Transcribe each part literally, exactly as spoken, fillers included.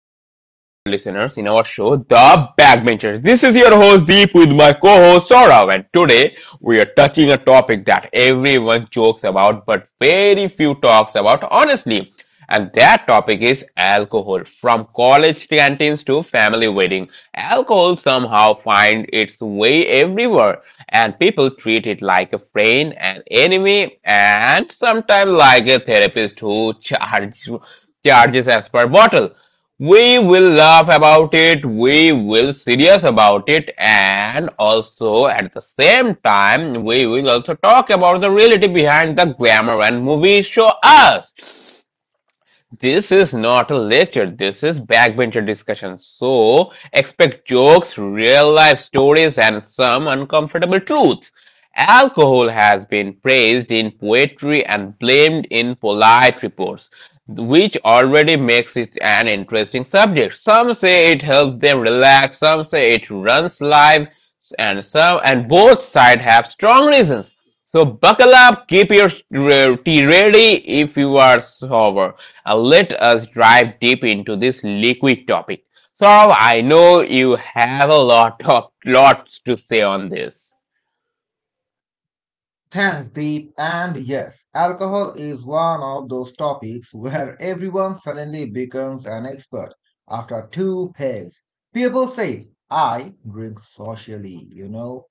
back to all our listeners in our show, The Backbenchers. This is your host Deep with my co-host Saurav, and today we are touching a topic that everyone jokes about, but very few talks about honestly. And that topic is alcohol. From college canteens to family wedding, alcohol somehow finds its way everywhere, and people treat it like a friend, an enemy, and sometimes like a therapist who charges charges as per bottle. We will laugh about it, we will serious about it, and also at the same time, we will also talk about the reality behind the glamour and movies show us. This is not a lecture, this is backbencher discussion. So, expect jokes, real life stories, and some uncomfortable truths. Alcohol has been praised in poetry and blamed in polite reports, which already makes it an interesting subject. Some say it helps them relax, some say it runs life, and some and both sides have strong reasons. So buckle up, keep your uh, tea ready if you are sober. Uh, let us dive deep into this liquid topic. So I know you have a lot of lots to say on this. Thanks, Deep. And yes, alcohol is one of those topics where everyone suddenly becomes an expert after two pegs. People say, I drink socially, you know,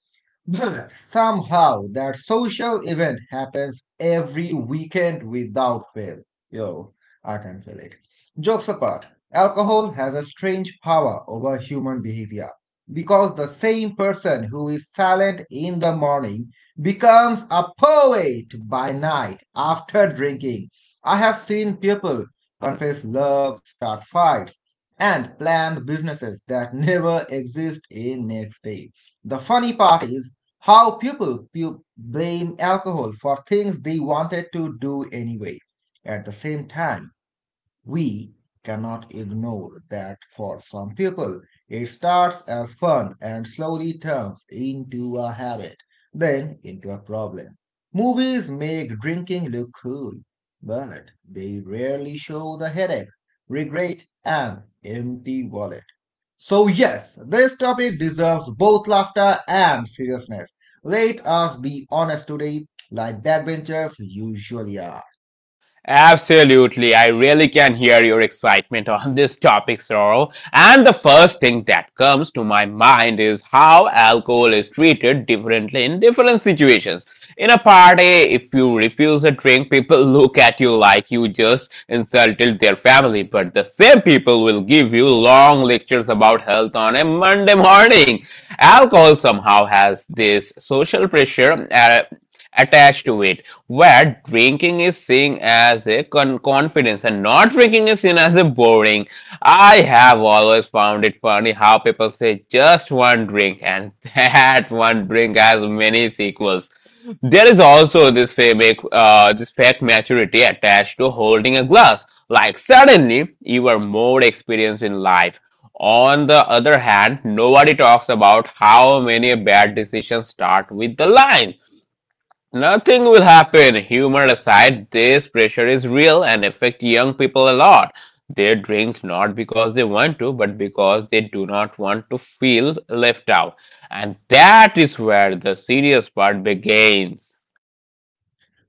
but somehow that social event happens every weekend without fail. Yo, I can feel it. Jokes apart, alcohol has a strange power over human behavior because the same person who is silent in the morning becomes a poet by night after drinking. I have seen people confess love, start fights, and plan businesses that never exist in next day. The funny part is how people pu- blame alcohol for things they wanted to do anyway. At the same time, we cannot ignore that for some people, it starts as fun and slowly turns into a habit, then into a problem. Movies make drinking look cool, but they rarely show the headache, regret, and empty wallet. So, yes, this topic deserves both laughter and seriousness. Let us be honest today, like backbenchers usually are. Absolutely. I really can hear your excitement on this topic, Sorrow. And the first thing that comes to my mind is how alcohol is treated differently in different situations. In a party, if you refuse a drink, people look at you like you just insulted their family. But the same people will give you long lectures about health on a Monday morning. Alcohol somehow has this social pressure uh, attached to it where drinking is seen as a con- confidence and not drinking is seen as a boring. I have always found it funny how people say just one drink and that one drink has many sequels. There is also this fake, uh, this fake maturity attached to holding a glass. Like suddenly you are more experienced in life. On the other hand, nobody talks about how many bad decisions start with the line. Nothing will happen. Humor aside, this pressure is real and affects young people a lot. They drink not because they want to, but because they do not want to feel left out. And that is where the serious part begins.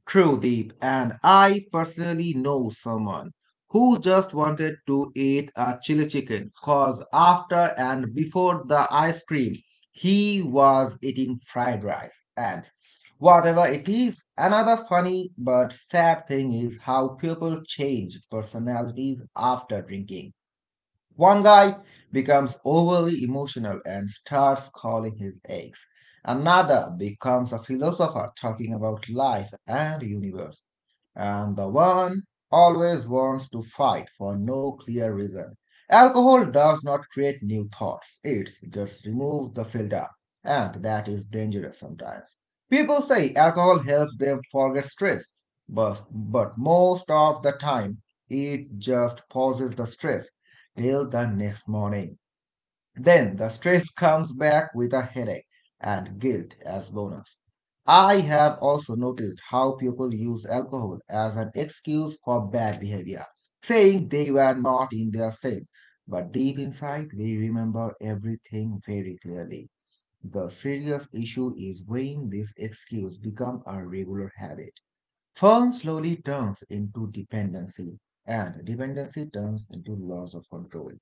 True, Deep, and I personally know someone who just wanted to eat a chili chicken because after and before the ice cream, he was eating fried rice. And whatever it is, another funny but sad thing is how people change personalities after drinking. One guy becomes overly emotional and starts calling his eggs. Another becomes a philosopher talking about life and universe and the one always wants to fight for no clear reason. Alcohol does not create new thoughts, it just removes the filter, and that is dangerous sometimes. People say alcohol helps them forget stress, but, but most of the time it just pauses the stress till the next morning. Then the stress comes back with a headache and guilt as bonus. I have also noticed how people use alcohol as an excuse for bad behavior, saying they were not in their sense, but deep inside they remember everything very clearly. The serious issue is when this excuse becomes a regular habit. Fun slowly turns into dependency, and dependency turns into loss of control.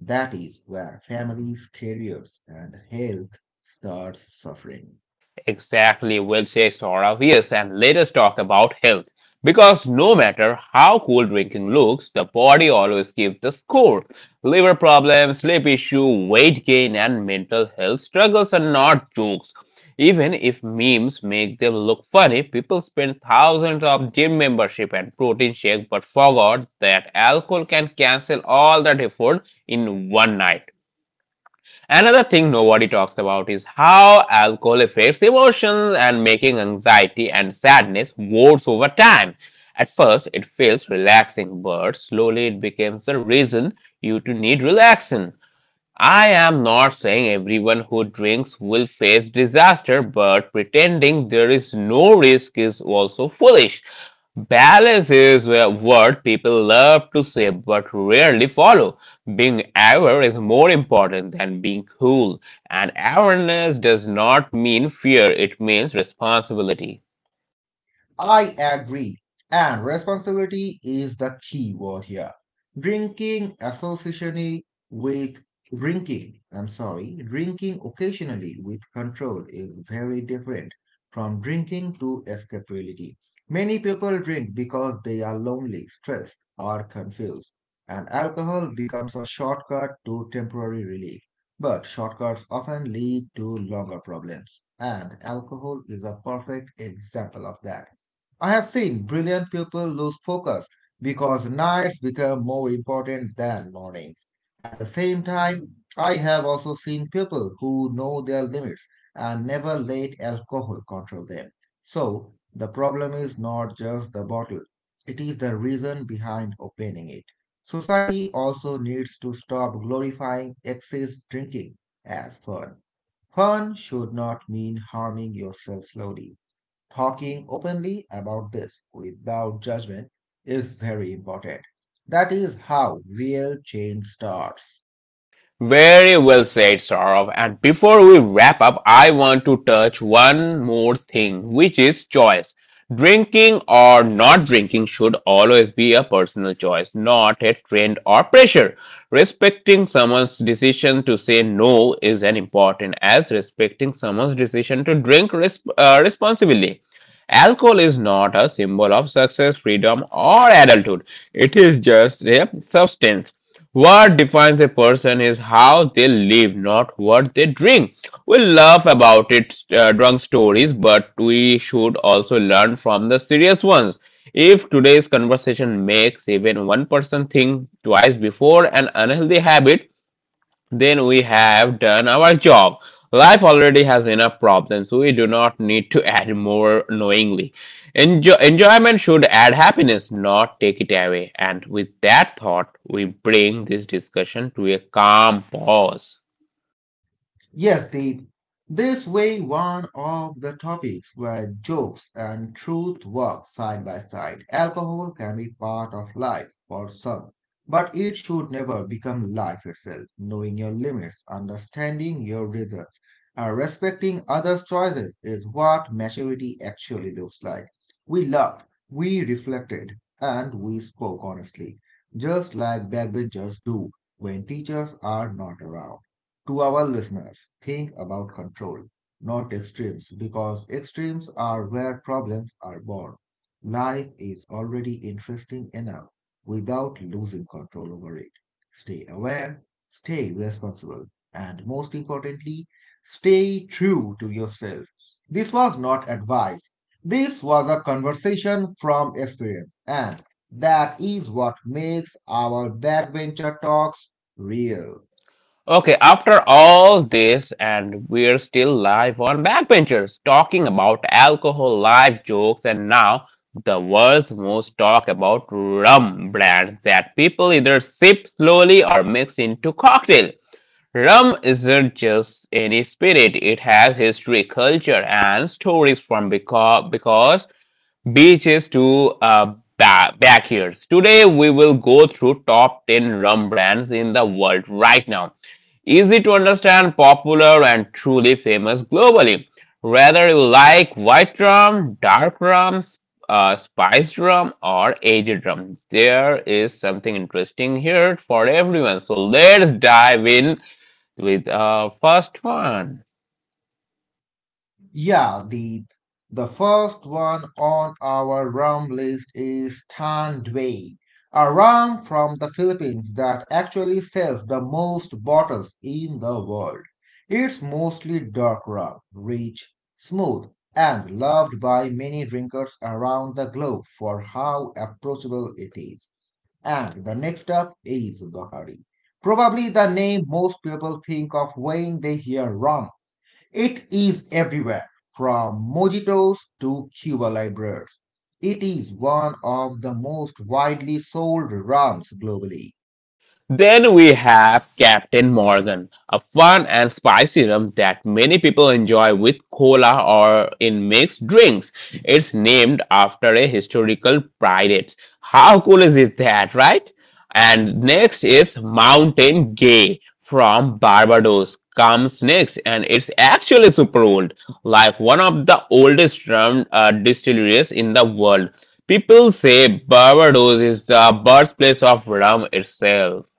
That is where families, careers, and health starts suffering. Exactly, we'll say Saurav. Yes, and let us talk about health. Because no matter how cool drinking looks, the body always gives the score. Liver problems, sleep issue, weight gain, and mental health struggles are not jokes. Even if memes make them look funny, people spend thousands of gym membership and protein shake but forgot that alcohol can cancel all that effort in one night. Another thing nobody talks about is how alcohol affects emotions and making anxiety and sadness worse over time. At first, it feels relaxing, but slowly it becomes the reason you to need relaxation. I am not saying everyone who drinks will face disaster, but pretending there is no risk is also foolish. Balance is a word people love to say but rarely follow. Being aware is more important than being cool, and awareness does not mean fear, it means responsibility. I agree. And responsibility is the key word here. Drinking associationally with drinking, I'm sorry, Drinking occasionally with control is very different from drinking to escape reality. Many people drink because they are lonely, stressed, or confused, and alcohol becomes a shortcut to temporary relief. But shortcuts often lead to longer problems, and alcohol is a perfect example of that. I have seen brilliant people lose focus because nights become more important than mornings. At the same time, I have also seen people who know their limits and never let alcohol control them. So, the problem is not just the bottle, it is the reason behind opening it. Society also needs to stop glorifying excess drinking as fun. Fun should not mean harming yourself slowly. Talking openly about this without judgment is very important. That is how real change starts. Very well said, Saurav. And before we wrap up, I want to touch one more thing, which is choice. Drinking or not drinking should always be a personal choice, not a trend or pressure. Respecting someone's decision to say no is as important as respecting someone's decision to drink resp- uh, responsibly. Alcohol is not a symbol of success, freedom, or adulthood. It is just a substance what defines a person is how they live, not what they drink. We laugh about it, uh, drunk stories, but we should also learn from the serious ones. If today's conversation makes even one person think twice before an unhealthy habit, then we have done our job. Life already has enough problems. We do not need to add more knowingly. Enjoy- enjoyment should add happiness, not take it away. And with that thought, we bring this discussion to a calm pause. Yes, Deep. This way, one of the topics where jokes and truth work side by side. Alcohol can be part of life for some, but it should never become life itself. Knowing your limits, understanding your results, and respecting others' choices is what maturity actually looks like. We loved, we reflected, and we spoke honestly, just like backbenchers do when teachers are not around. To our listeners, think about control, not extremes, because extremes are where problems are born. Life is already interesting enough without losing control over it. Stay aware, stay responsible, and most importantly, stay true to yourself. This was not advice. This was a conversation from experience, and that is what makes our backbencher talks real. Okay, after all this, and we're still live on Backbenchers talking about alcohol, live jokes, and now the world's most talk about rum brands that people either sip slowly or mix into cocktail. Rum isn't just any spirit, it has history, culture, and stories from because, because beaches to uh, ba- backyards. Today we will go through top ten rum brands in the world right now. Easy to understand, popular and truly famous globally. Whether you like white rum, dark rum, sp- uh, spiced rum or aged rum, there is something interesting here for everyone. So let's dive in with our first one. Yeah, the the first one on our rum list is Tanway, a rum from the Philippines that actually sells the most bottles in the world. It's mostly dark rum, rich, smooth, and loved by many drinkers around the globe for how approachable it is. And the next up is Bahari. Probably the name most people think of when they hear rum it is everywhere, from mojitos to Cuba Libres. It is one of the most widely sold rums globally. Then we have Captain Morgan, a fun and spicy rum that many people enjoy with cola or in mixed drinks. It's named after a historical pirate. How cool is it that, right? And next is Mountain Gay from Barbados comes next, and it's actually super old, like one of the oldest rum uh, distilleries in the world. People say Barbados is the birthplace of rum itself.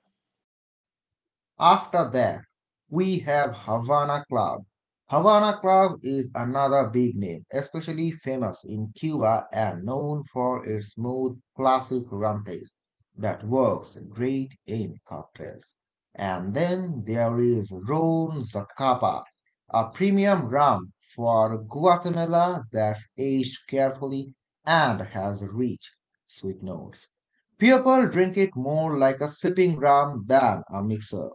After that, we have Havana Club. Havana Club is another big name, especially famous in Cuba and known for its smooth, classic rum taste that works great in cocktails. And then there is Ron Zacapa, a premium rum for Guatemala that's aged carefully and has rich, sweet notes. People drink it more like a sipping rum than a mixer.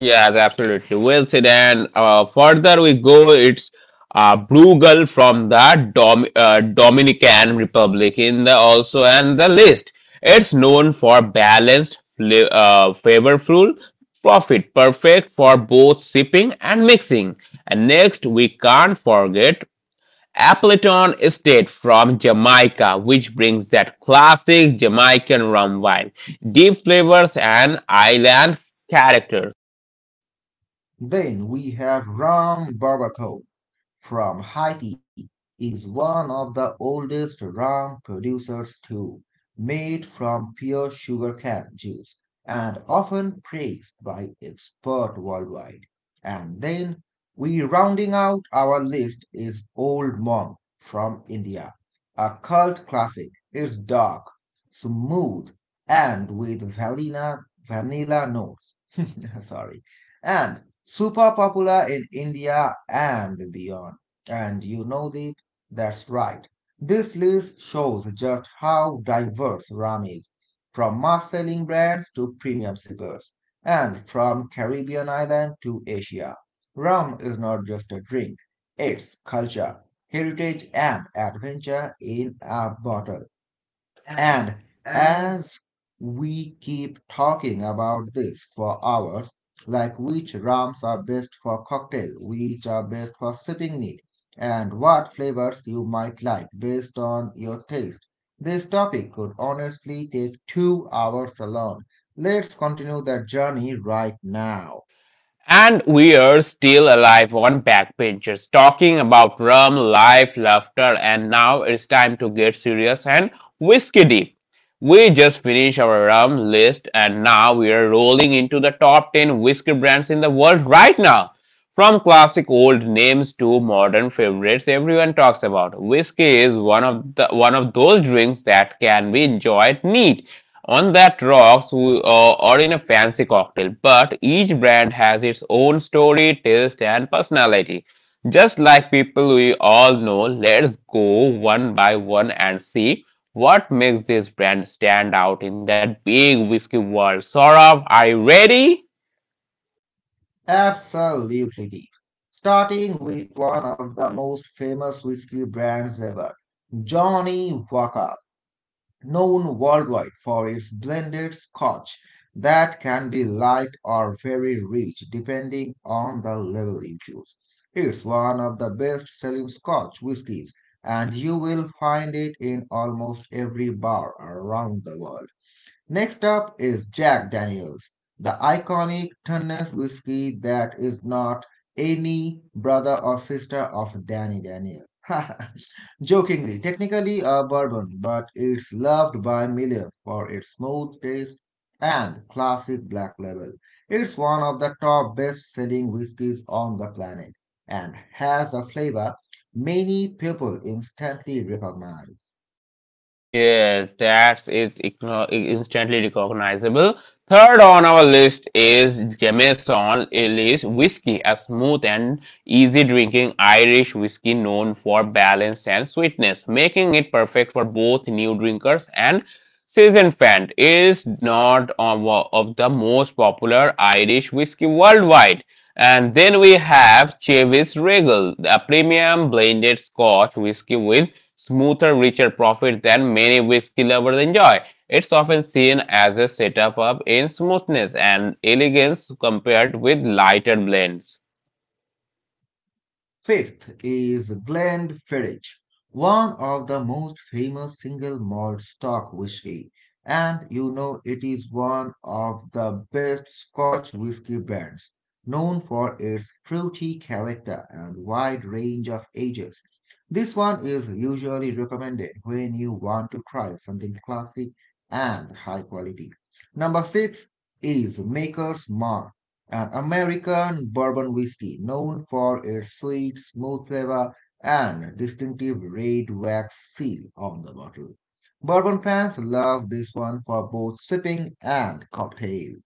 Yes, absolutely. Well said. And uh, further we go, it's uh, Brugal from the Dom uh, Dominican Republic in the also and the list. It's known for balanced, fla- uh, flavorful profit, perfect for both sipping and mixing. And next, we can't forget Appleton Estate from Jamaica, which brings that classic Jamaican rum wine, deep flavors and island character. Then we have ram barbacoa from Haiti is one of the oldest rum producers too, made from pure sugarcane juice and often praised by experts worldwide. And then we rounding out our list is Old Monk from India, a cult classic. It's dark, smooth, and with vanilla vanilla notes. Sorry. And super popular in India and beyond. And you know, Deep, that's right. This list shows just how diverse rum is, from mass-selling brands to premium sippers, and from Caribbean island to Asia. Rum is not just a drink, it's culture, heritage, and adventure in a bottle. And as we keep talking about this for hours, like which rums are best for cocktail, which are best for sipping neat, and what flavors you might like based on your taste, this topic could honestly take two hours alone. Let's continue that journey right now. And we're still alive on backbenchers, talking about rum, life, laughter, and now it's time to get serious and whiskey deep. We just finished our rum list and now we are rolling into the top ten whiskey brands in the world right now. From classic old names to modern favorites everyone talks about. Whiskey is one of the one of those drinks that can be enjoyed neat on that rocks uh, or in a fancy cocktail, but each brand has its own story, taste, and personality. Just like people we all know, let's go one by one and see what makes this brand stand out in that big whiskey world. Saurav, are you ready? Absolutely deep. Starting with one of the most famous whiskey brands ever, Johnny Walker. Known worldwide for its blended scotch that can be light or very rich depending on the level you choose. It's one of the best selling scotch whiskies, and you will find it in almost every bar around the world. Next up is Jack Daniels, the iconic Tennessee whiskey that is not any brother or sister of Danny Daniels. Jokingly, technically a bourbon, but it's loved by millions for its smooth taste and classic black label. It's one of the top best-selling whiskies on the planet and has a flavor many people instantly recognize. Yes, that's it igno- instantly recognizable. Third on our list is Jameson Ellis Whiskey, a smooth and easy drinking Irish whiskey known for balance and sweetness, making it perfect for both new drinkers and seasoned fans. It is not of of the most popular Irish whiskey worldwide. And then we have Chevis Regal, a premium blended Scotch whiskey with smoother, richer profit than many whiskey lovers enjoy. It's often seen as a setup up in smoothness and elegance compared with lighter blends. Fifth is Glenfiddich, one of the most famous single malt stock whiskey, and you know it is one of the best Scotch whiskey brands, known for its fruity character and wide range of ages. This one is usually recommended when you want to try something classic and high quality. Number six is Maker's Mark an American bourbon whiskey known for its sweet, smooth flavor and distinctive red wax seal on the bottle. Bourbon fans love this one for both sipping and cocktails.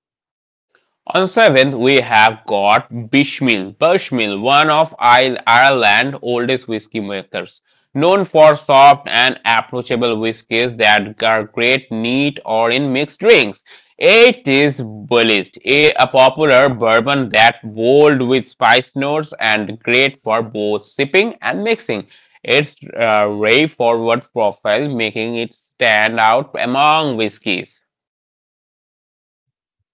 On seventh, we have got Bishmil, Bushmil, one of I- Ireland's oldest whiskey makers, known for soft and approachable whiskies that are great neat or in mixed drinks. It is Bullist, a, a popular bourbon that bold with spice notes and great for both sipping and mixing. Its uh, ray forward profile making it stand out among whiskies.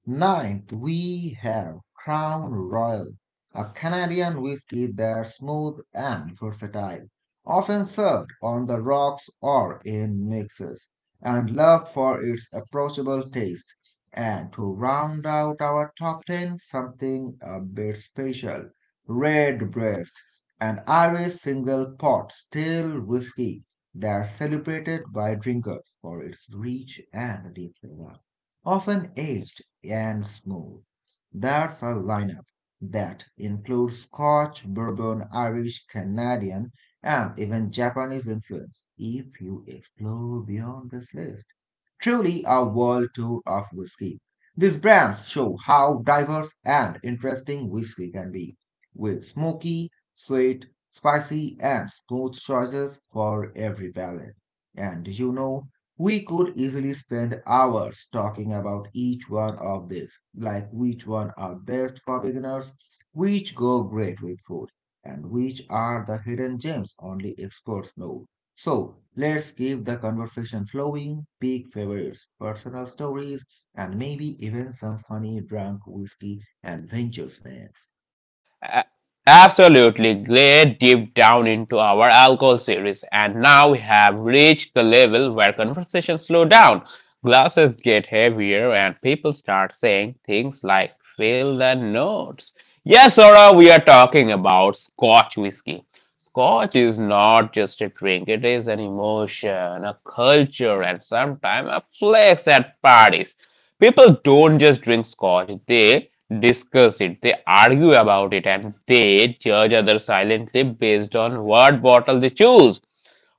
Ninth, we have Crown Royal, a Canadian whiskey that's smooth and versatile, often served on the rocks or in mixes, and loved for its approachable taste. And to round out our top ten, something a bit special Redbreast, an Irish single pot still whiskey that's celebrated by drinkers for its rich and deep flavor often aged and smooth. That's a lineup that includes Scotch, Bourbon, Irish, Canadian, and even Japanese influence if you explore beyond this list. Truly a world tour of whiskey. These brands show how diverse and interesting whiskey can be, with smoky, sweet, spicy, and smooth choices for every palate. And you know, we could easily spend hours talking about each one of these, like which one are best for beginners, which go great with food, and which are the hidden gems only experts know. So let's keep the conversation flowing, pick favorites, personal stories, and maybe even some funny drunk whiskey adventures next. A- Absolutely great deep down into our alcohol series, and now we have reached the level where conversations slow down, glasses get heavier, and people start saying things like "fill the notes." Yes, Sora, we are talking about Scotch whiskey. Scotch is not just a drink; it is an emotion, a culture, and sometimes a flex at parties. People don't just drink scotch, they discuss it, they argue about it, and they judge others silently based on what bottle they choose.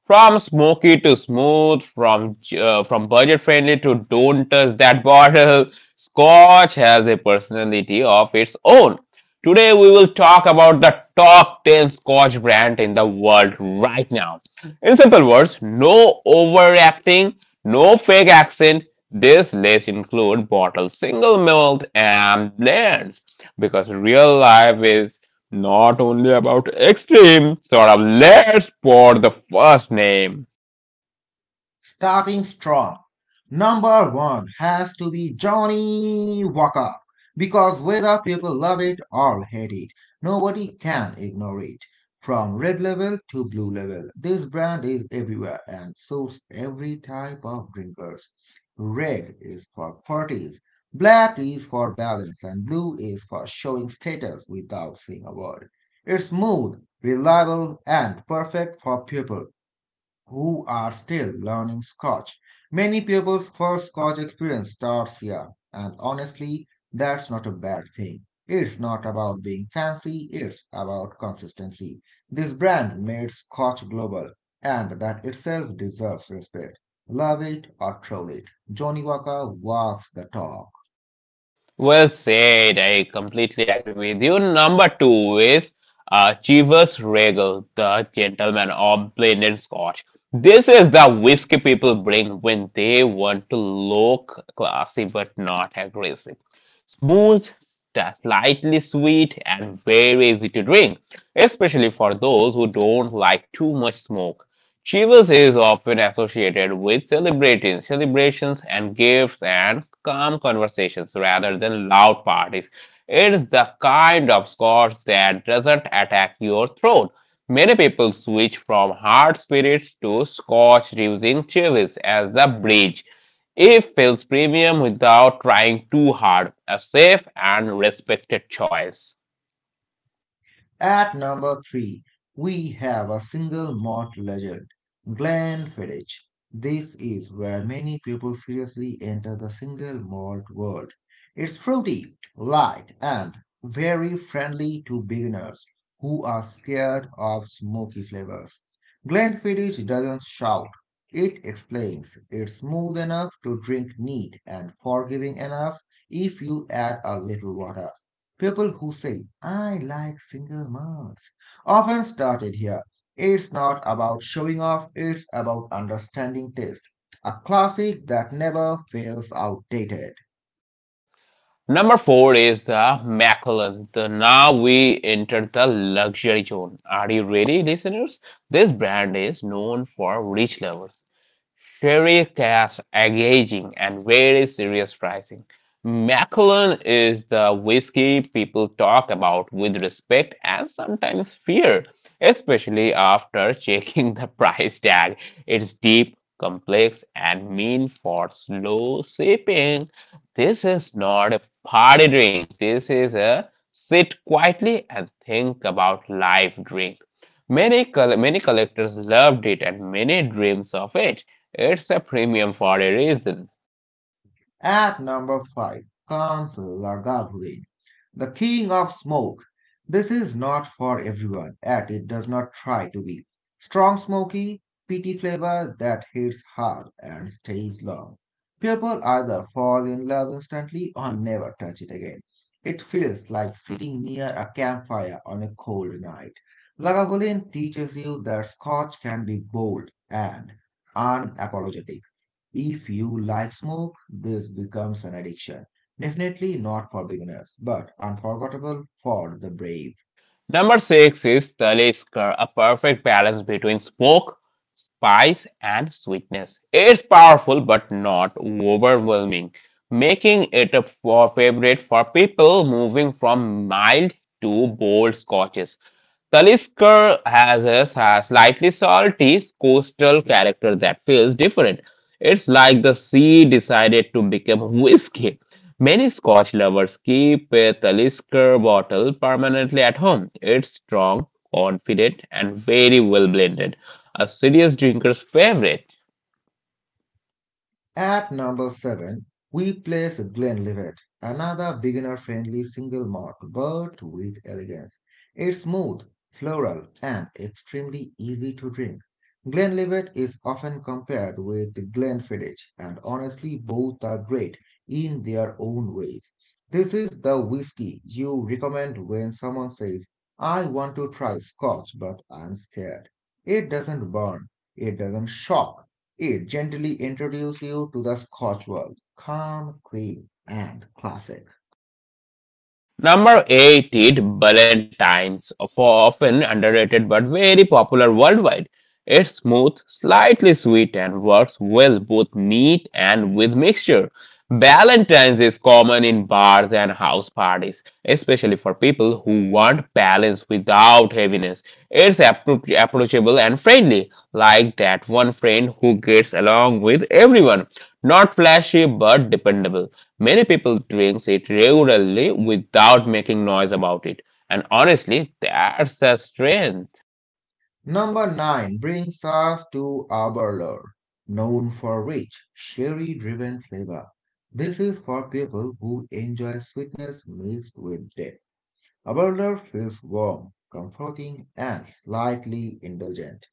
From smoky to smooth, from uh, from budget friendly to don't touch that bottle, Scotch has a personality of its own. Today we will talk about the top ten Scotch brand in the world right now. In simple words, no overacting, no fake accent. This list includes bottle single malt and blends because real life is not only about extreme, sort of let's spot the first name. Starting strong. Number one has to be Johnny Walker because whether people love it or hate it, nobody can ignore it. From red level to blue level, this brand is everywhere and suits every type of drinkers. Red is for parties, black is for balance, and blue is for showing status without saying a word. It's smooth, reliable, and perfect for people who are still learning Scotch. Many people's first Scotch experience starts here, and honestly, that's not a bad thing. It's not about being fancy, it's about consistency. This brand made Scotch global, and that itself deserves respect. Love it or troll it, Johnny Walker walks the talk. Well said. I completely agree with you. Number two is uh, Chivas Regal, the gentleman of blended scotch. This is the whiskey people bring when they want to look classy but not aggressive. Smooth, ta- Slightly sweet, and very easy to drink, especially for those who don't like too much smoke. Chivas is often associated with celebrating celebrations and gifts and calm conversations rather than loud parties. It is the kind of scotch that doesn't attack your throat. Many people switch from hard spirits to scotch using Chivas as the bridge. It feels premium without trying too hard, a safe and respected choice. At number three, we have a single malt legend, Glenfiddich. This is where many people seriously enter the single malt world. It's fruity, light, and very friendly to beginners who are scared of smoky flavors. Glenfiddich doesn't shout. It explains. It's smooth enough to drink neat and forgiving enough if you add a little water. People who say, I like single moms, often started here. It's not about showing off, it's about understanding taste, a classic that never feels outdated. Number four is the Macallan. The now we enter the luxury zone. Are you ready, listeners? This brand is known for rich lovers. Ferry cash engaging and very serious pricing. Macallan is the whiskey people talk about with respect and sometimes fear, especially after checking the price tag. It's deep, complex, and mean for slow sipping. This is not a party drink. This is a sit quietly and think about life drink. Many, col- many collectors loved it and many dreams of it. It's a premium for a reason. At number five, Councillor Goblin, the king of smoke. This is not for everyone, and it does not try to be. Strong smoky, peaty flavor that hits hard and stays long. People either fall in love instantly or never touch it again. It feels like sitting near a campfire on a cold night. Lagavulin teaches you that Scotch can be bold and unapologetic. If you like smoke, this becomes an addiction. Definitely not for beginners, but unforgettable for the brave. Number six is Talisker, a perfect balance between smoke, spice, and sweetness. It's powerful but not overwhelming, making it a for favorite for people moving from mild to bold scotches. Talisker has a sa- slightly salty coastal character that feels different. It's like the sea decided to become whiskey. Many Scotch lovers keep a Talisker bottle permanently at home. It's strong, confident, and very well blended. A serious drinker's favorite. At number seven, we place Glenlivet, another beginner-friendly single malt but with elegance. It's smooth, floral, and extremely easy to drink. Glenlivet is often compared with Glenfiddich, and honestly, both are great in their own ways. This is the whiskey you recommend when someone says, "I want to try Scotch, but I'm scared." It doesn't burn, it doesn't shock, it gently introduces you to the Scotch world, calm, clean, and classic. Number eight is Ballantines, often underrated but very popular worldwide. It's smooth, slightly sweet, and works well both neat and with mixture. Ballantines is common in bars and house parties, especially for people who want balance without heaviness. It's appro- approachable and friendly, like that one friend who gets along with everyone. Not flashy but dependable. Many people drink it regularly without making noise about it, and honestly, that's a strength. Number nine brings us to Arbor, known for rich, sherry driven flavor. This is for people who enjoy sweetness mixed with depth. Aberdare feels warm, comforting, and slightly indulgent.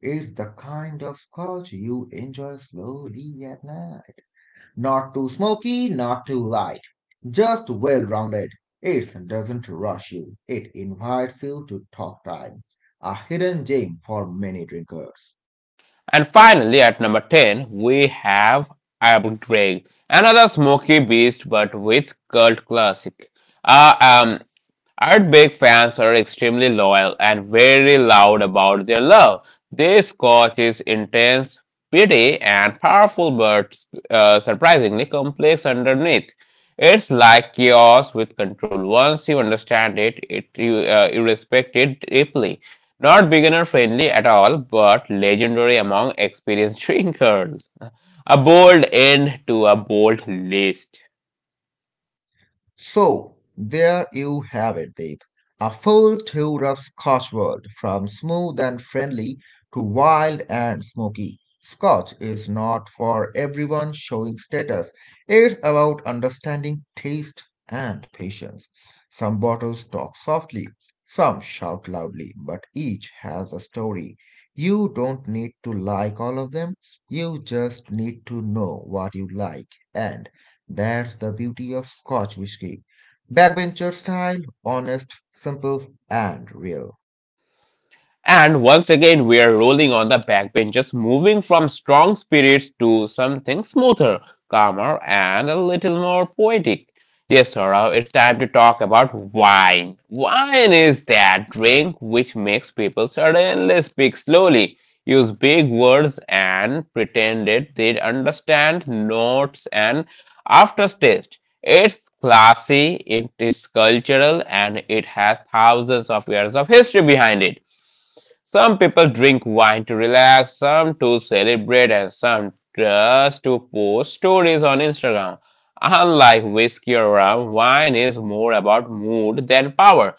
It's the kind of scotch you enjoy slowly at night. Not too smoky, not too light, just well rounded. It doesn't rush you, it invites you to talk time, a hidden gem for many drinkers. And finally, at number ten, we have Earl Grey, another smoky beast but with cult classic. Uh, um, Ardbeg fans are extremely loyal and very loud about their love. They Scotch is intense, pretty, and powerful, but uh, surprisingly complex underneath. It's like chaos with control. Once you understand it, it you, uh, you respect it deeply. Not beginner friendly at all, but legendary among experienced drinkers. A bold end to a bold list. So there you have it, Deep. A full tour of Scotch world from smooth and friendly to wild and smoky. Scotch is not for everyone showing status. It's about understanding taste and patience. Some bottles talk softly, some shout loudly, but each has a story. You don't need to like all of them. You just need to know what you like, and that's the beauty of Scotch whisky. Backbencher style, honest, simple, and real. And once again, we are rolling on the backbenches, moving from strong spirits to something smoother, calmer, and a little more poetic. Yes, Saurav, it's time to talk about wine. Wine is that drink which makes people suddenly speak slowly, use big words, and pretend it they understand notes and aftertaste. It's classy, it is cultural, and it has thousands of years of history behind it. Some people drink wine to relax, some to celebrate, and some just to post stories on Instagram. Unlike whiskey or rum, wine is more about mood than power.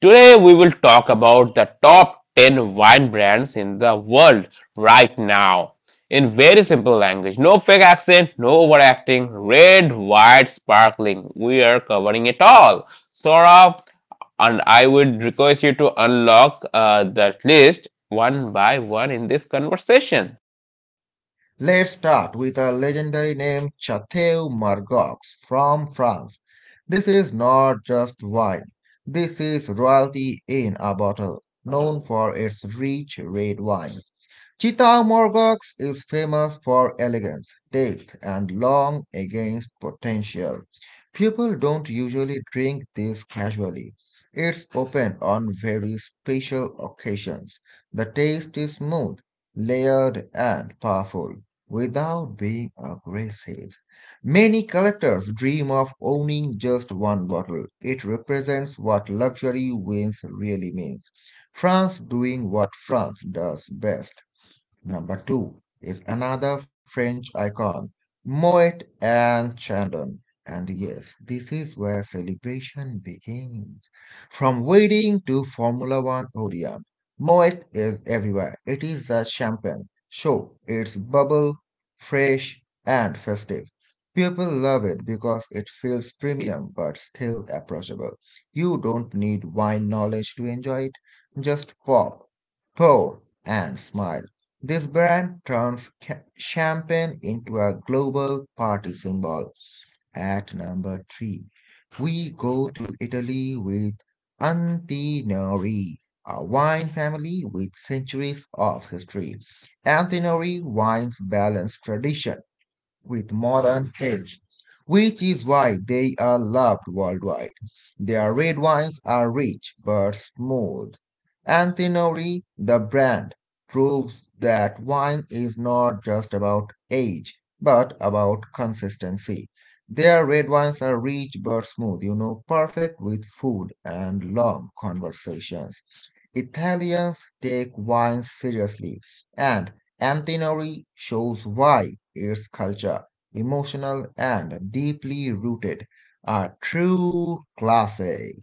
Today, we will talk about the top ten wine brands in the world right now. In very simple language, no fake accent, no overacting, red, white, sparkling. We are covering it all. Saurabh, and I would request you to unlock uh, that list one by one in this conversation. Let's start with a legendary name, Chateau Margaux from France. This is not just wine, this is royalty in a bottle, known for its rich red wine. Chittamurgox is famous for elegance, taste, and long against potential. People don't usually drink this casually. It's open on very special occasions. The taste is smooth, layered, and powerful without being aggressive. Many collectors dream of owning just one bottle. It represents what luxury wines really means. France doing what France does best. Number two is another French icon, Moet and Chandon. And yes, this is where celebration begins. From wedding to Formula One podium, Moet is everywhere. It is a champagne show. It's bubble, fresh, and festive. People love it because it feels premium but still approachable. You don't need wine knowledge to enjoy it. Just pop, pour, and smile. This brand turns ca- champagne into a global party symbol. At number three, we go to Italy with Antinori, a wine family with centuries of history. Antinori wines balance tradition with modern age, which is why they are loved worldwide. Their red wines are rich but smooth. Antinori, the brand, proves that wine is not just about age, but about consistency. Their red wines are rich but smooth, you know, perfect with food and long conversations. Italians take wine seriously, and Antinori shows why its culture, emotional and deeply rooted, are true classics.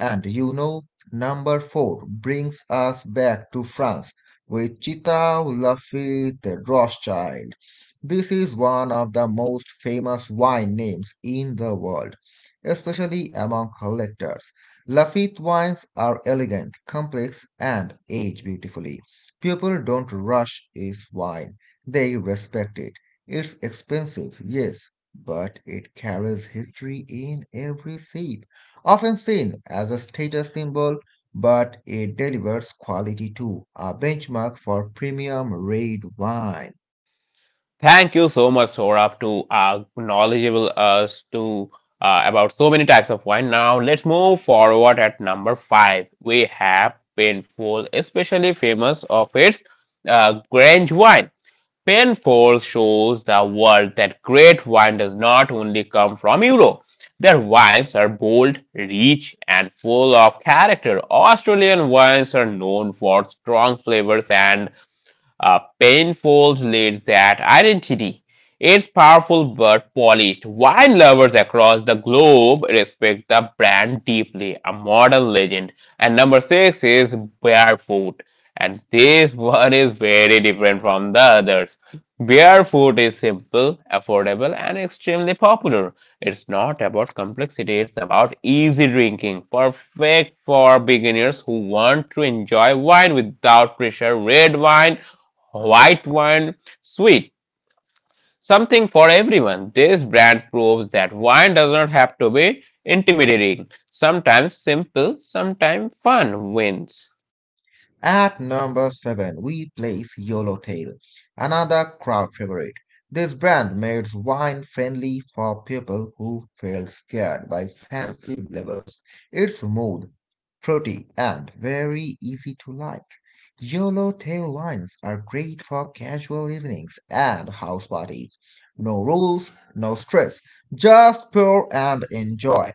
And you know, number four brings us back to France with Chita Lafitte Rothschild. This is one of the most famous wine names in the world, especially among collectors. Lafitte wines are elegant, complex, and age beautifully. People don't rush its wine, they respect it. It's expensive, yes, but it carries history in every sip, often seen as a status symbol, but it delivers quality too, a benchmark for premium red wine. Thank you so much, Saurabh, to uh, knowledgeable us to uh, about so many types of wine. Now let's move forward at number five. We have painful, especially famous of its uh, Grange wine. Penfold shows the world that great wine does not only come from Europe. Their wines are bold, rich, and full of character. Australian wines are known for strong flavors and a painful needs that identity. It's powerful but polished. Wine lovers across the globe respect the brand deeply, a modern legend. And number six is Barefoot. And this one is very different from the others. Barefoot is simple, affordable, and extremely popular. It's not about complexity, it's about easy drinking, perfect for beginners who want to enjoy wine without pressure. Red wine, white wine, sweet, something for everyone. This brand proves that wine does not have to be intimidating. Sometimes simple, sometimes fun wins. At number seven, we place Yellowtail, another crowd favorite. This brand makes wine friendly for people who feel scared by fancy flavors. It's smooth, fruity, and very easy to like. Yellowtail wines are great for casual evenings and house parties. No rules, no stress, just pour and enjoy.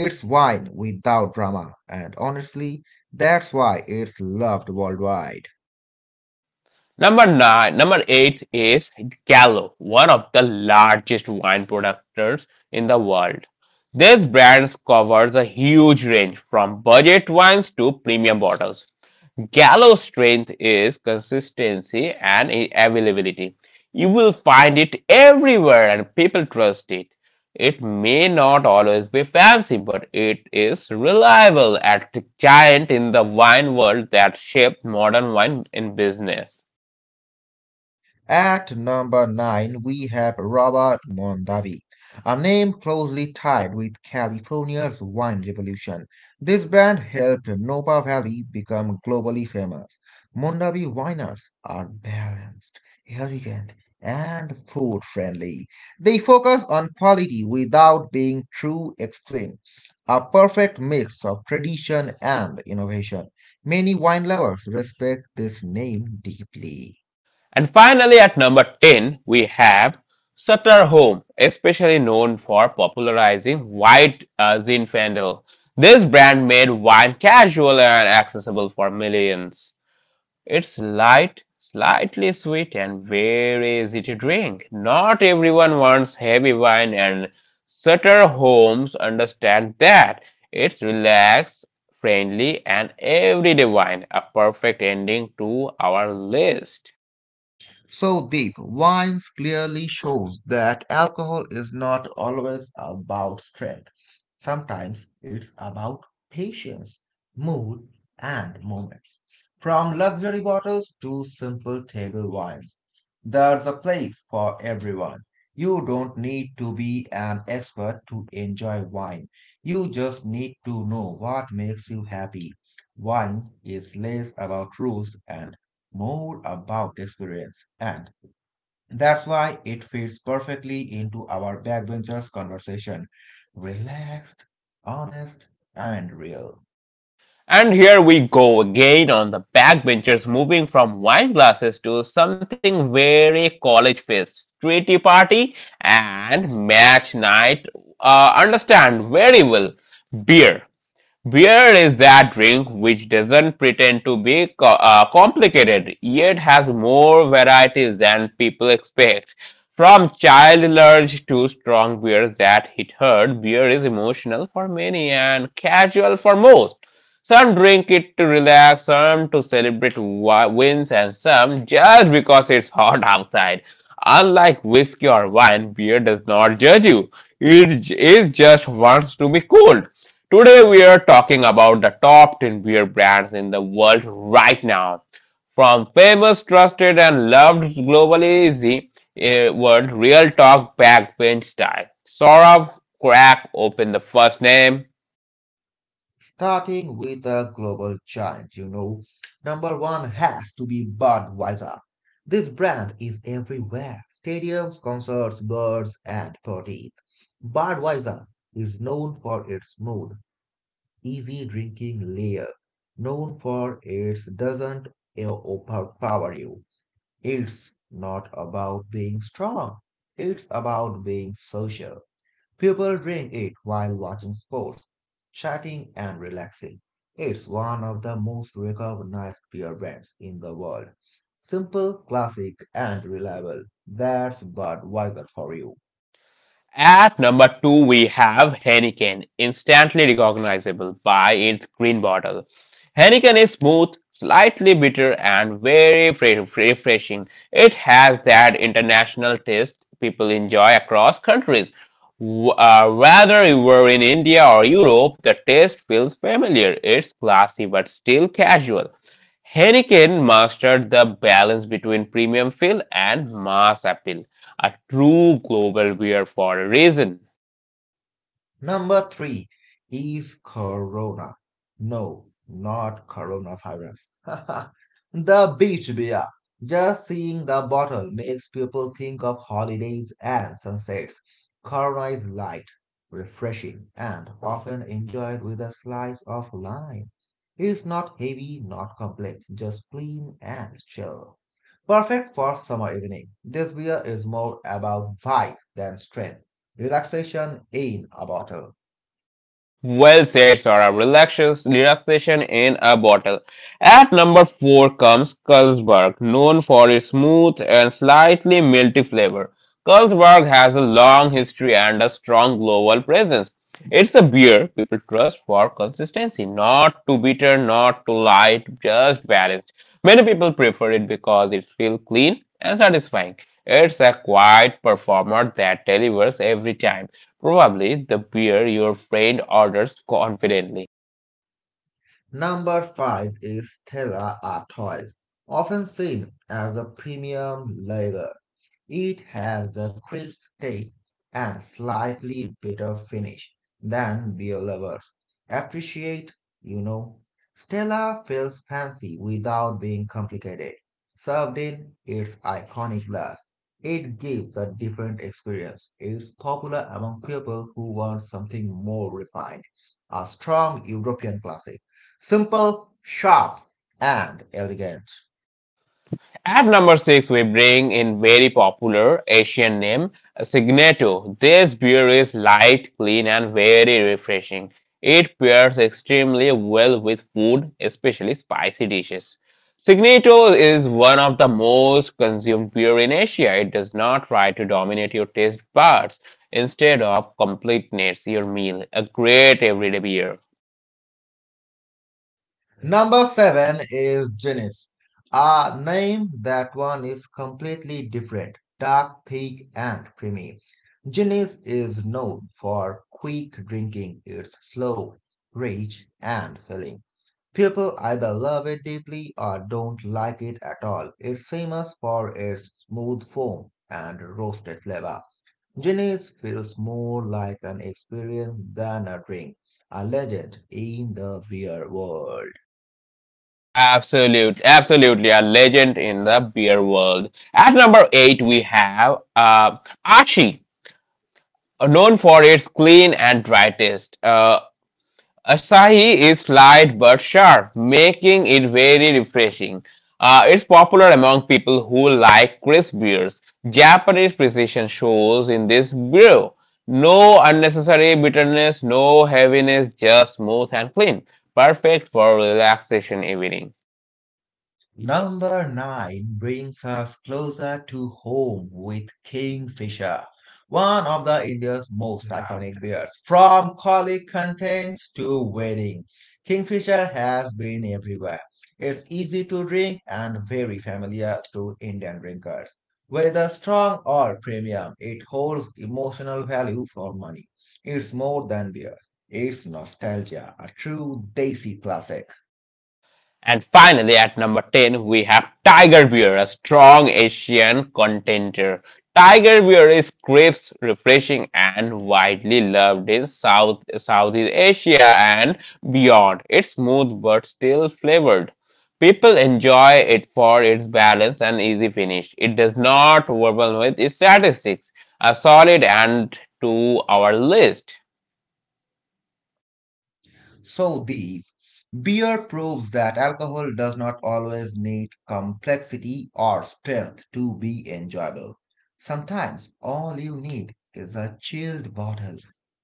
It's wine without drama, and honestly, that's why it's loved worldwide. Number nine, number eight is Gallo, one of the largest wine producers in the world. This brand covers a huge range from budget wines to premium bottles. Gallo's strength is consistency and availability. You will find it everywhere and people trust it. It may not always be fancy, but it is reliable at the giant in the wine world that shaped modern wine in business. At number nine, we have Robert Mondavi, a name closely tied with California's wine revolution. This brand helped Napa Valley become globally famous. Mondavi winers are balanced, elegant, and food friendly. They focus on quality without being too extreme, a perfect mix of tradition and innovation. Many wine lovers respect this name deeply. And finally, at number ten, we have Sutter Home, especially known for popularizing white uh, Zinfandel. This brand made wine casual and accessible for millions. It's light, slightly sweet, and very easy to drink. Not everyone wants heavy wine, and Sutter Homes understand that. It's relaxed, friendly, and everyday wine, a perfect ending to our list. So deep, wines clearly shows that alcohol is not always about strength. Sometimes it's about patience, mood, and moments. From luxury bottles to simple table wines, there's a place for everyone. You don't need to be an expert to enjoy wine. You just need to know what makes you happy. Wine is less about rules and more about experience. And that's why it fits perfectly into our backbenchers conversation. Relaxed, honest, and real. And here we go again on the backbenchers, moving from wine glasses to something very college fest, streety party, and match night. Uh, understand very well beer. Beer is that drink which doesn't pretend to be co- uh, complicated, yet has more varieties than people expect. From child large to strong beers that hit hard, beer is emotional for many and casual for most. Some drink it to relax, some to celebrate wi- wins, and some just because it's hot outside. Unlike whiskey or wine, beer does not judge you. It j- it just wants to be cold. Today we are talking about the top ten beer brands in the world right now. From famous, trusted, and loved globally is the eh, word real talk backbench style. Saurabh, crack open the first name. Starting with a global giant, you know, number one has to be Budweiser. This brand is everywhere: stadiums, concerts, bars, and parties. Budweiser is known for its mood, easy drinking layer, known for it doesn't e- overpower you. It's not about being strong, it's about being social. People drink it while watching sports, chatting, and relaxing. It's one of the most recognized beer brands in the world. Simple, classic, and reliable. That's Budweiser for you. At number two, we have Heineken, instantly recognizable by its green bottle. Heineken is smooth, slightly bitter, and very fre- fre- refreshing. It has that international taste people enjoy across countries. W- uh, whether you were in India or Europe, the taste feels familiar. It's classy but still casual. Heineken mastered the balance between premium feel and mass appeal, a true global wear for a reason. Number three is Corona. No, not coronavirus. The beach beer. Just seeing the bottle makes people think of holidays and sunsets. Corona is light, refreshing, and often enjoyed with a slice of lime. It's not heavy, not complex, just clean and chill. Perfect for summer evening. This beer is more about vibe than strength, relaxation in a bottle. Well said, Sora. Relaxation, relaxation in a bottle. At number four comes Carlsberg, known for its smooth and slightly milky flavor. Carlsberg has a long history and a strong global presence. It's a beer people trust for consistency, not too bitter, not too light, just balanced. Many people prefer it because it feels clean and satisfying. It's a quiet performer that delivers every time. Probably the beer your friend orders confidently. Number five is Stella Artois, often seen as a premium lager. It has a crisp taste and slightly bitter finish than beer lovers appreciate, you know. Stella feels fancy without being complicated. Served in its iconic glass, it gives a different experience. It's popular among people who want something more refined, a strong European classic, simple, sharp, and elegant. At number six, we bring in very popular Asian name Signato. This beer is light, clean, and very refreshing. It pairs extremely well with food, especially spicy dishes. Signato is one of the most consumed beer in Asia. It does not try to dominate your taste buds. Instead of completeness, your meal, a great everyday beer. Number seven is Genis, a name that one is completely different, dark, thick, and creamy. Genis is known for quick drinking. It's slow, rich, and filling. People either love it deeply or don't like it at all. It's famous for its smooth foam and roasted flavor. Guinness feels more like an experience than a drink, a legend in the beer world. Absolute, absolutely a legend in the beer world. At number eight, we have uh, Ashi, uh, known for its clean and dry taste. Uh, Asahi is light but sharp, making it very refreshing. Uh, it's popular among people who like crisp beers. Japanese precision shows in this brew. No unnecessary bitterness, no heaviness, just smooth and clean. Perfect for relaxation evening. Number nine brings us closer to home with Kingfisher, one of the India's most iconic beers. From collie contents to wedding, Kingfisher has been everywhere. It's easy to drink and very familiar to Indian drinkers. Whether strong or premium, it holds emotional value for money. It's more than beer. It's nostalgia, a true Desi classic. And finally, at number ten, we have Tiger Beer, a strong Asian contender. Tiger Beer is crisp, refreshing, and widely loved in South Southeast Asia and beyond. It's smooth but still flavored. People enjoy it for its balance and easy finish. It does not overwhelm with its statistics. A solid and to our list. So deep, beer proves that alcohol does not always need complexity or strength to be enjoyable. Sometimes all you need is a chilled bottle,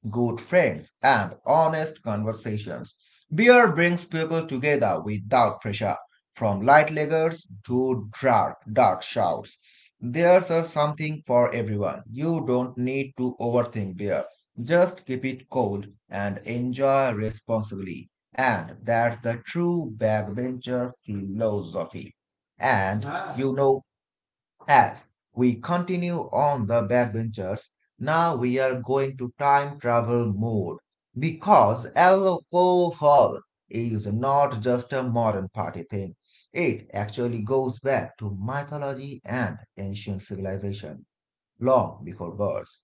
good friends, and honest conversations. Beer brings people together without pressure, from light lagers to dark, dark shouts. There's a something for everyone. You don't need to overthink beer. Just keep it cold and enjoy responsibly. And that's the true backbencher philosophy. And Yeah. you know, as we continue on the backbenchers, now we are going to time travel mode because alcohol is not just a modern party thing. It actually goes back to mythology and ancient civilization long before birth.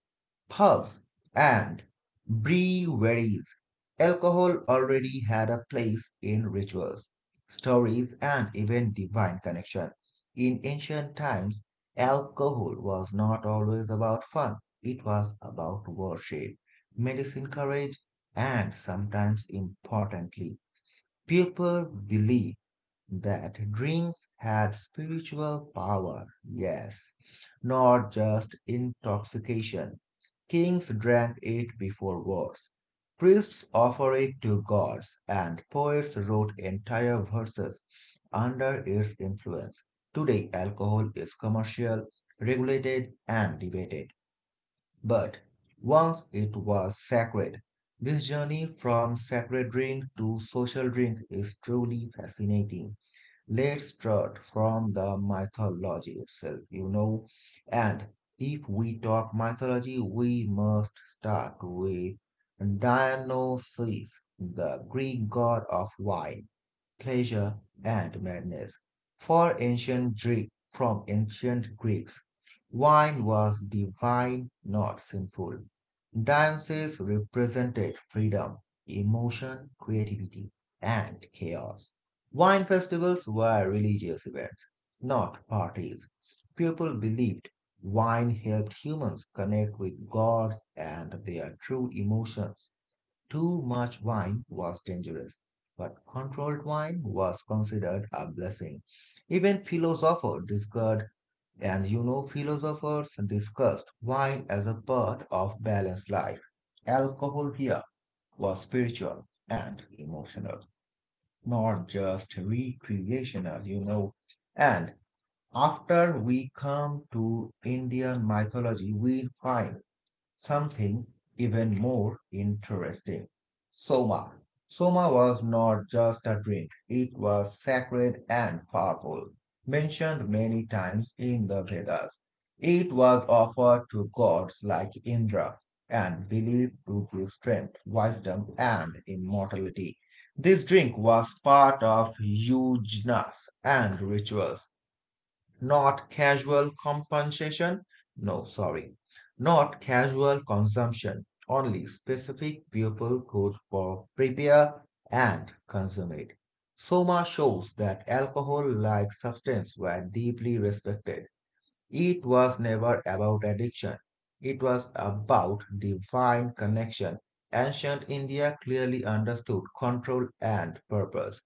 Pugs and breweries. Alcohol already had a place in rituals, stories, and even divine connection. In ancient times, alcohol was not always about fun, it was about worship, medicine, courage, and sometimes importantly, people believed that drinks had spiritual power, yes, not just intoxication. Kings drank it before wars, priests offered it to gods, and poets wrote entire verses under its influence. Today, alcohol is commercial, regulated, and debated, but once it was sacred. This journey from sacred drink to social drink is truly fascinating. Let's start from the mythology itself, you know. And if we talk mythology, we must start with Dionysus, the Greek god of wine, pleasure, and madness. For ancient Greek, from ancient Greeks, wine was divine, not sinful. Dionysus represented freedom, emotion, creativity, and chaos. Wine festivals were religious events, not parties. People believed wine helped humans connect with gods and their true emotions. Too much wine was dangerous, but controlled wine was considered a blessing. Even philosophers discussed, and you know, philosophers discussed wine as a part of balanced life. Alcohol here was spiritual and emotional, not just recreational, you know. And after we come to Indian mythology, we find something even more interesting. Soma. Soma was not just a drink, it was sacred and powerful. Mentioned many times in the Vedas, it was offered to gods like Indra and believed to give strength, wisdom, and immortality. This drink was part of yajnas and rituals, not casual compensation. No, sorry. Not casual consumption. Only specific people could for prepare and consume it. Soma shows that alcohol like substance were deeply respected. It was never about addiction. It was about divine connection. Ancient India clearly understood control and purpose.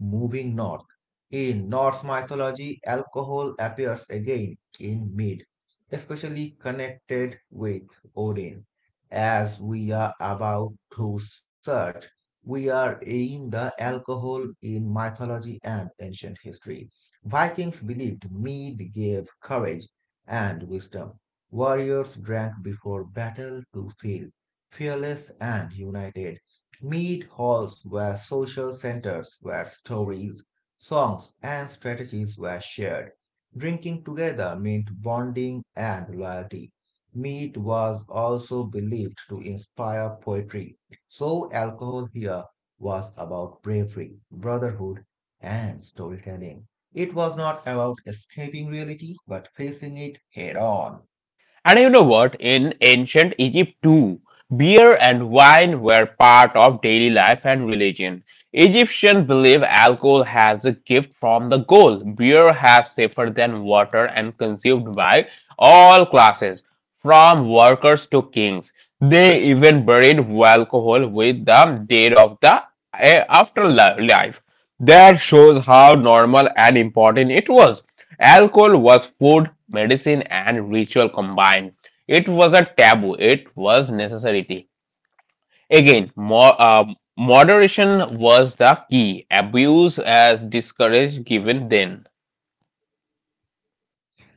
Moving north. In Norse mythology, alcohol appears again in mead, especially connected with Odin. As we are about to search, we are in the alcohol in mythology and ancient history. Vikings believed mead gave courage and wisdom. Warriors drank before battle to feel fearless and united. Mead halls were social centers where stories, songs, and strategies were shared. Drinking together meant bonding and loyalty. Mead was also believed to inspire poetry, so alcohol here was about bravery, brotherhood, and storytelling. It was not about escaping reality, but facing it head on. And you know what? In ancient Egypt too, beer and wine were part of daily life and religion. Egyptians believe alcohol has a gift from the goal. Beer has safer than water and consumed by all classes, from workers to kings. They even buried alcohol with the dead of the eh, afterlife. That shows how normal and important it was. Alcohol was food, medicine, and ritual combined. It was a taboo, it was necessity. Again, more, uh, moderation was the key. Abuse as discouraged given then.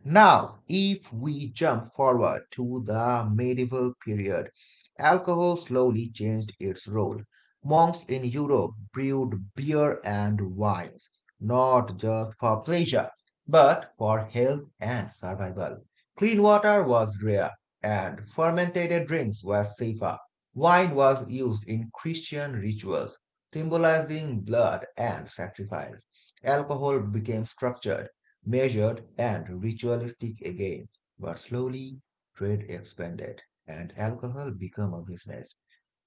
Now, if we jump forward to the medieval period, alcohol slowly changed its role. Monks in Europe brewed beer and wines, not just for pleasure, but for health and survival. Clean water was rare, and fermented drinks were safer. Wine was used in Christian rituals, symbolizing blood and sacrifice. Alcohol became structured, measured and ritualistic again, but slowly trade expanded and alcohol became a business.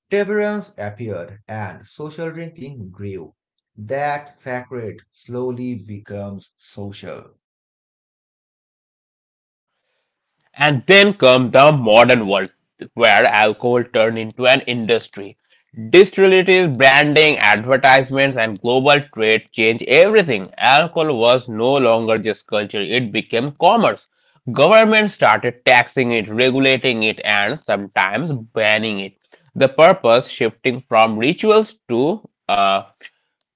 Temperance appeared and social drinking grew. That sacred slowly becomes social. And then comes the modern world, where alcohol turned into an industry. Distilleries, branding, advertisements, and global trade changed everything. Alcohol was no longer just culture, it became commerce. Governments started taxing it, regulating it, and sometimes banning it. The purpose shifting from rituals to uh,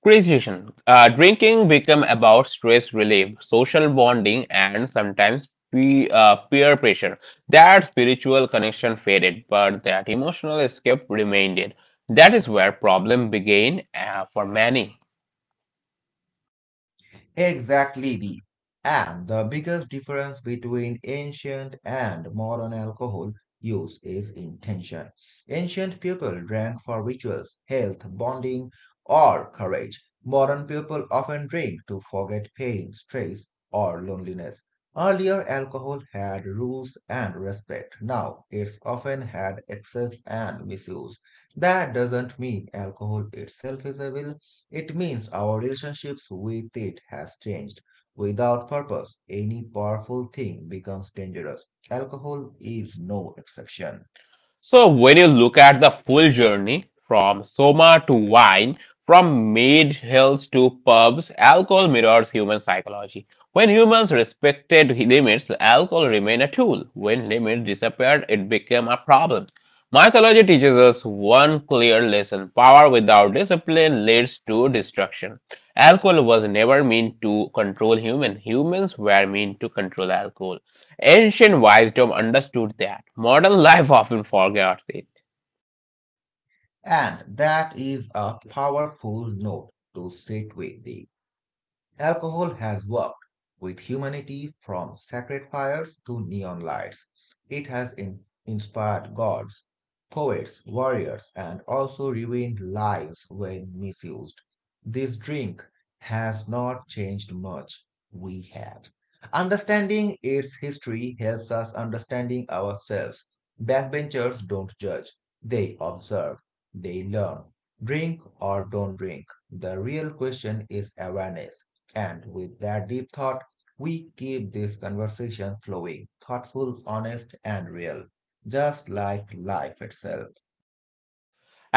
Cruciation. Uh, drinking become about stress relief, social bonding, and sometimes pe- uh, peer pressure. That spiritual connection faded, but that emotional escape remained. That is where problem began uh, for many. Exactly the and the biggest difference between ancient and modern alcohol use is intention. Ancient people drank for rituals, health, bonding, or courage. Modern people often drink to forget pain, stress, or loneliness. Earlier, alcohol had rules and respect. Now, it's often had excess and misuse. That doesn't mean alcohol itself is a villain, it means our relationships with it has changed. Without purpose, any powerful thing becomes dangerous. Alcohol is no exception. So when you look at the full journey from soma to wine, from maid hills to pubs, alcohol mirrors human psychology. When humans respected limits, alcohol remained a tool. When limits disappeared, it became a problem. Mythology teaches us one clear lesson power without discipline leads to destruction. Alcohol was never meant to control humans, humans were meant to control alcohol. Ancient wisdom understood that. Modern life often forgets it. And that is a powerful note to sit with. The Alcohol has worked with humanity from sacred fires to neon lights. It has in- inspired gods, poets, warriors, and also ruined lives when misused. This drink has not changed much. We have. Understanding its history helps us understanding ourselves. Backbenchers don't judge, they observe, they learn. Drink or don't drink. The real question is awareness. And with that deep thought, we keep this conversation flowing, thoughtful, honest, and real, just like life itself.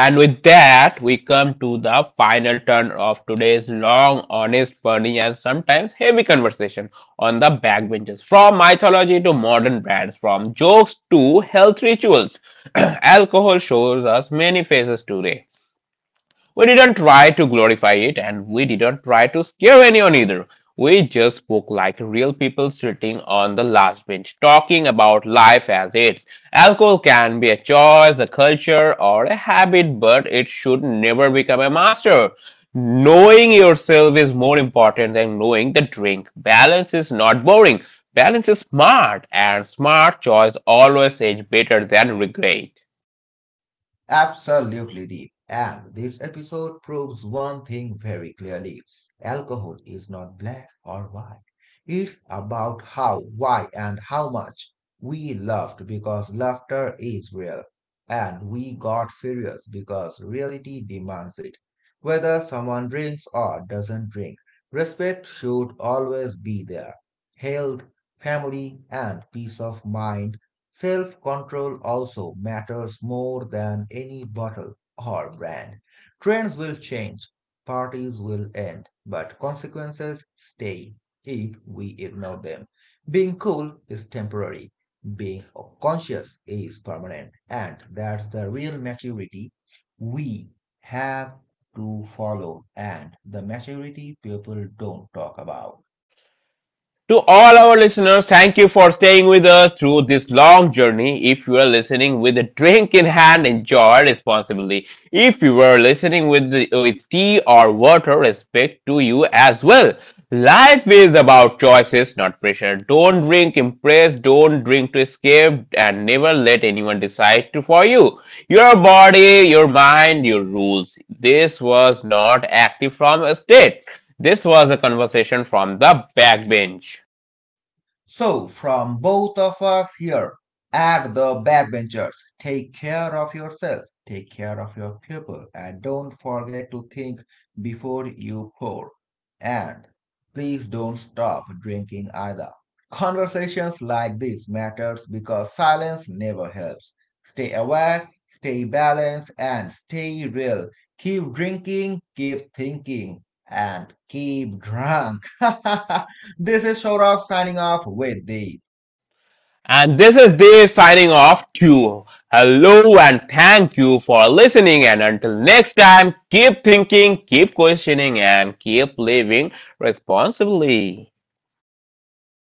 And with that, we come to the final turn of today's long, honest, funny, and sometimes heavy conversation on the backbenches. From mythology to modern brands, from jokes to health rituals, alcohol shows us many faces today. We didn't try to glorify it and we didn't try to scare anyone either. We just spoke like real people sitting on the last bench, talking about life as it's. Alcohol can be a choice, a culture, or a habit, but it should never become a master. Knowing yourself is more important than knowing the drink. Balance is not boring. Balance is smart, and smart choice always age better than regret. Absolutely deep. And this episode proves one thing very clearly. Alcohol is not black or white. It's about how, why, and how much. We laughed because laughter is real. And we got serious because reality demands it. Whether someone drinks or doesn't drink, respect should always be there. Health, family, and peace of mind. Self control also matters more than any bottle or brand. Trends will change, parties will end, but consequences stay if we ignore them. Being cool is temporary, being conscious is permanent, and that's the real maturity we have to follow, and the maturity people don't talk about. To all our listeners, thank you for staying with us through this long journey. If you are listening with a drink in hand, enjoy responsibly. If you are listening with, the, with tea or water, respect to you as well. Life is about choices, not pressure. Don't drink impress, don't drink to escape, and never let anyone decide to for you. Your body, your mind, your rules. This was not active from a state. This was a conversation from the backbench. So, from both of us here at the backbenchers, take care of yourself, take care of your people, and don't forget to think before you pour. And please don't stop drinking either. Conversations like this matters because silence never helps. Stay aware, stay balanced, and stay real. Keep drinking, keep thinking, and keep drunk. This is Shaurav signing off with the And this is Dave signing off too. Hello and thank you for listening. And until next time, keep thinking, keep questioning, and keep living responsibly.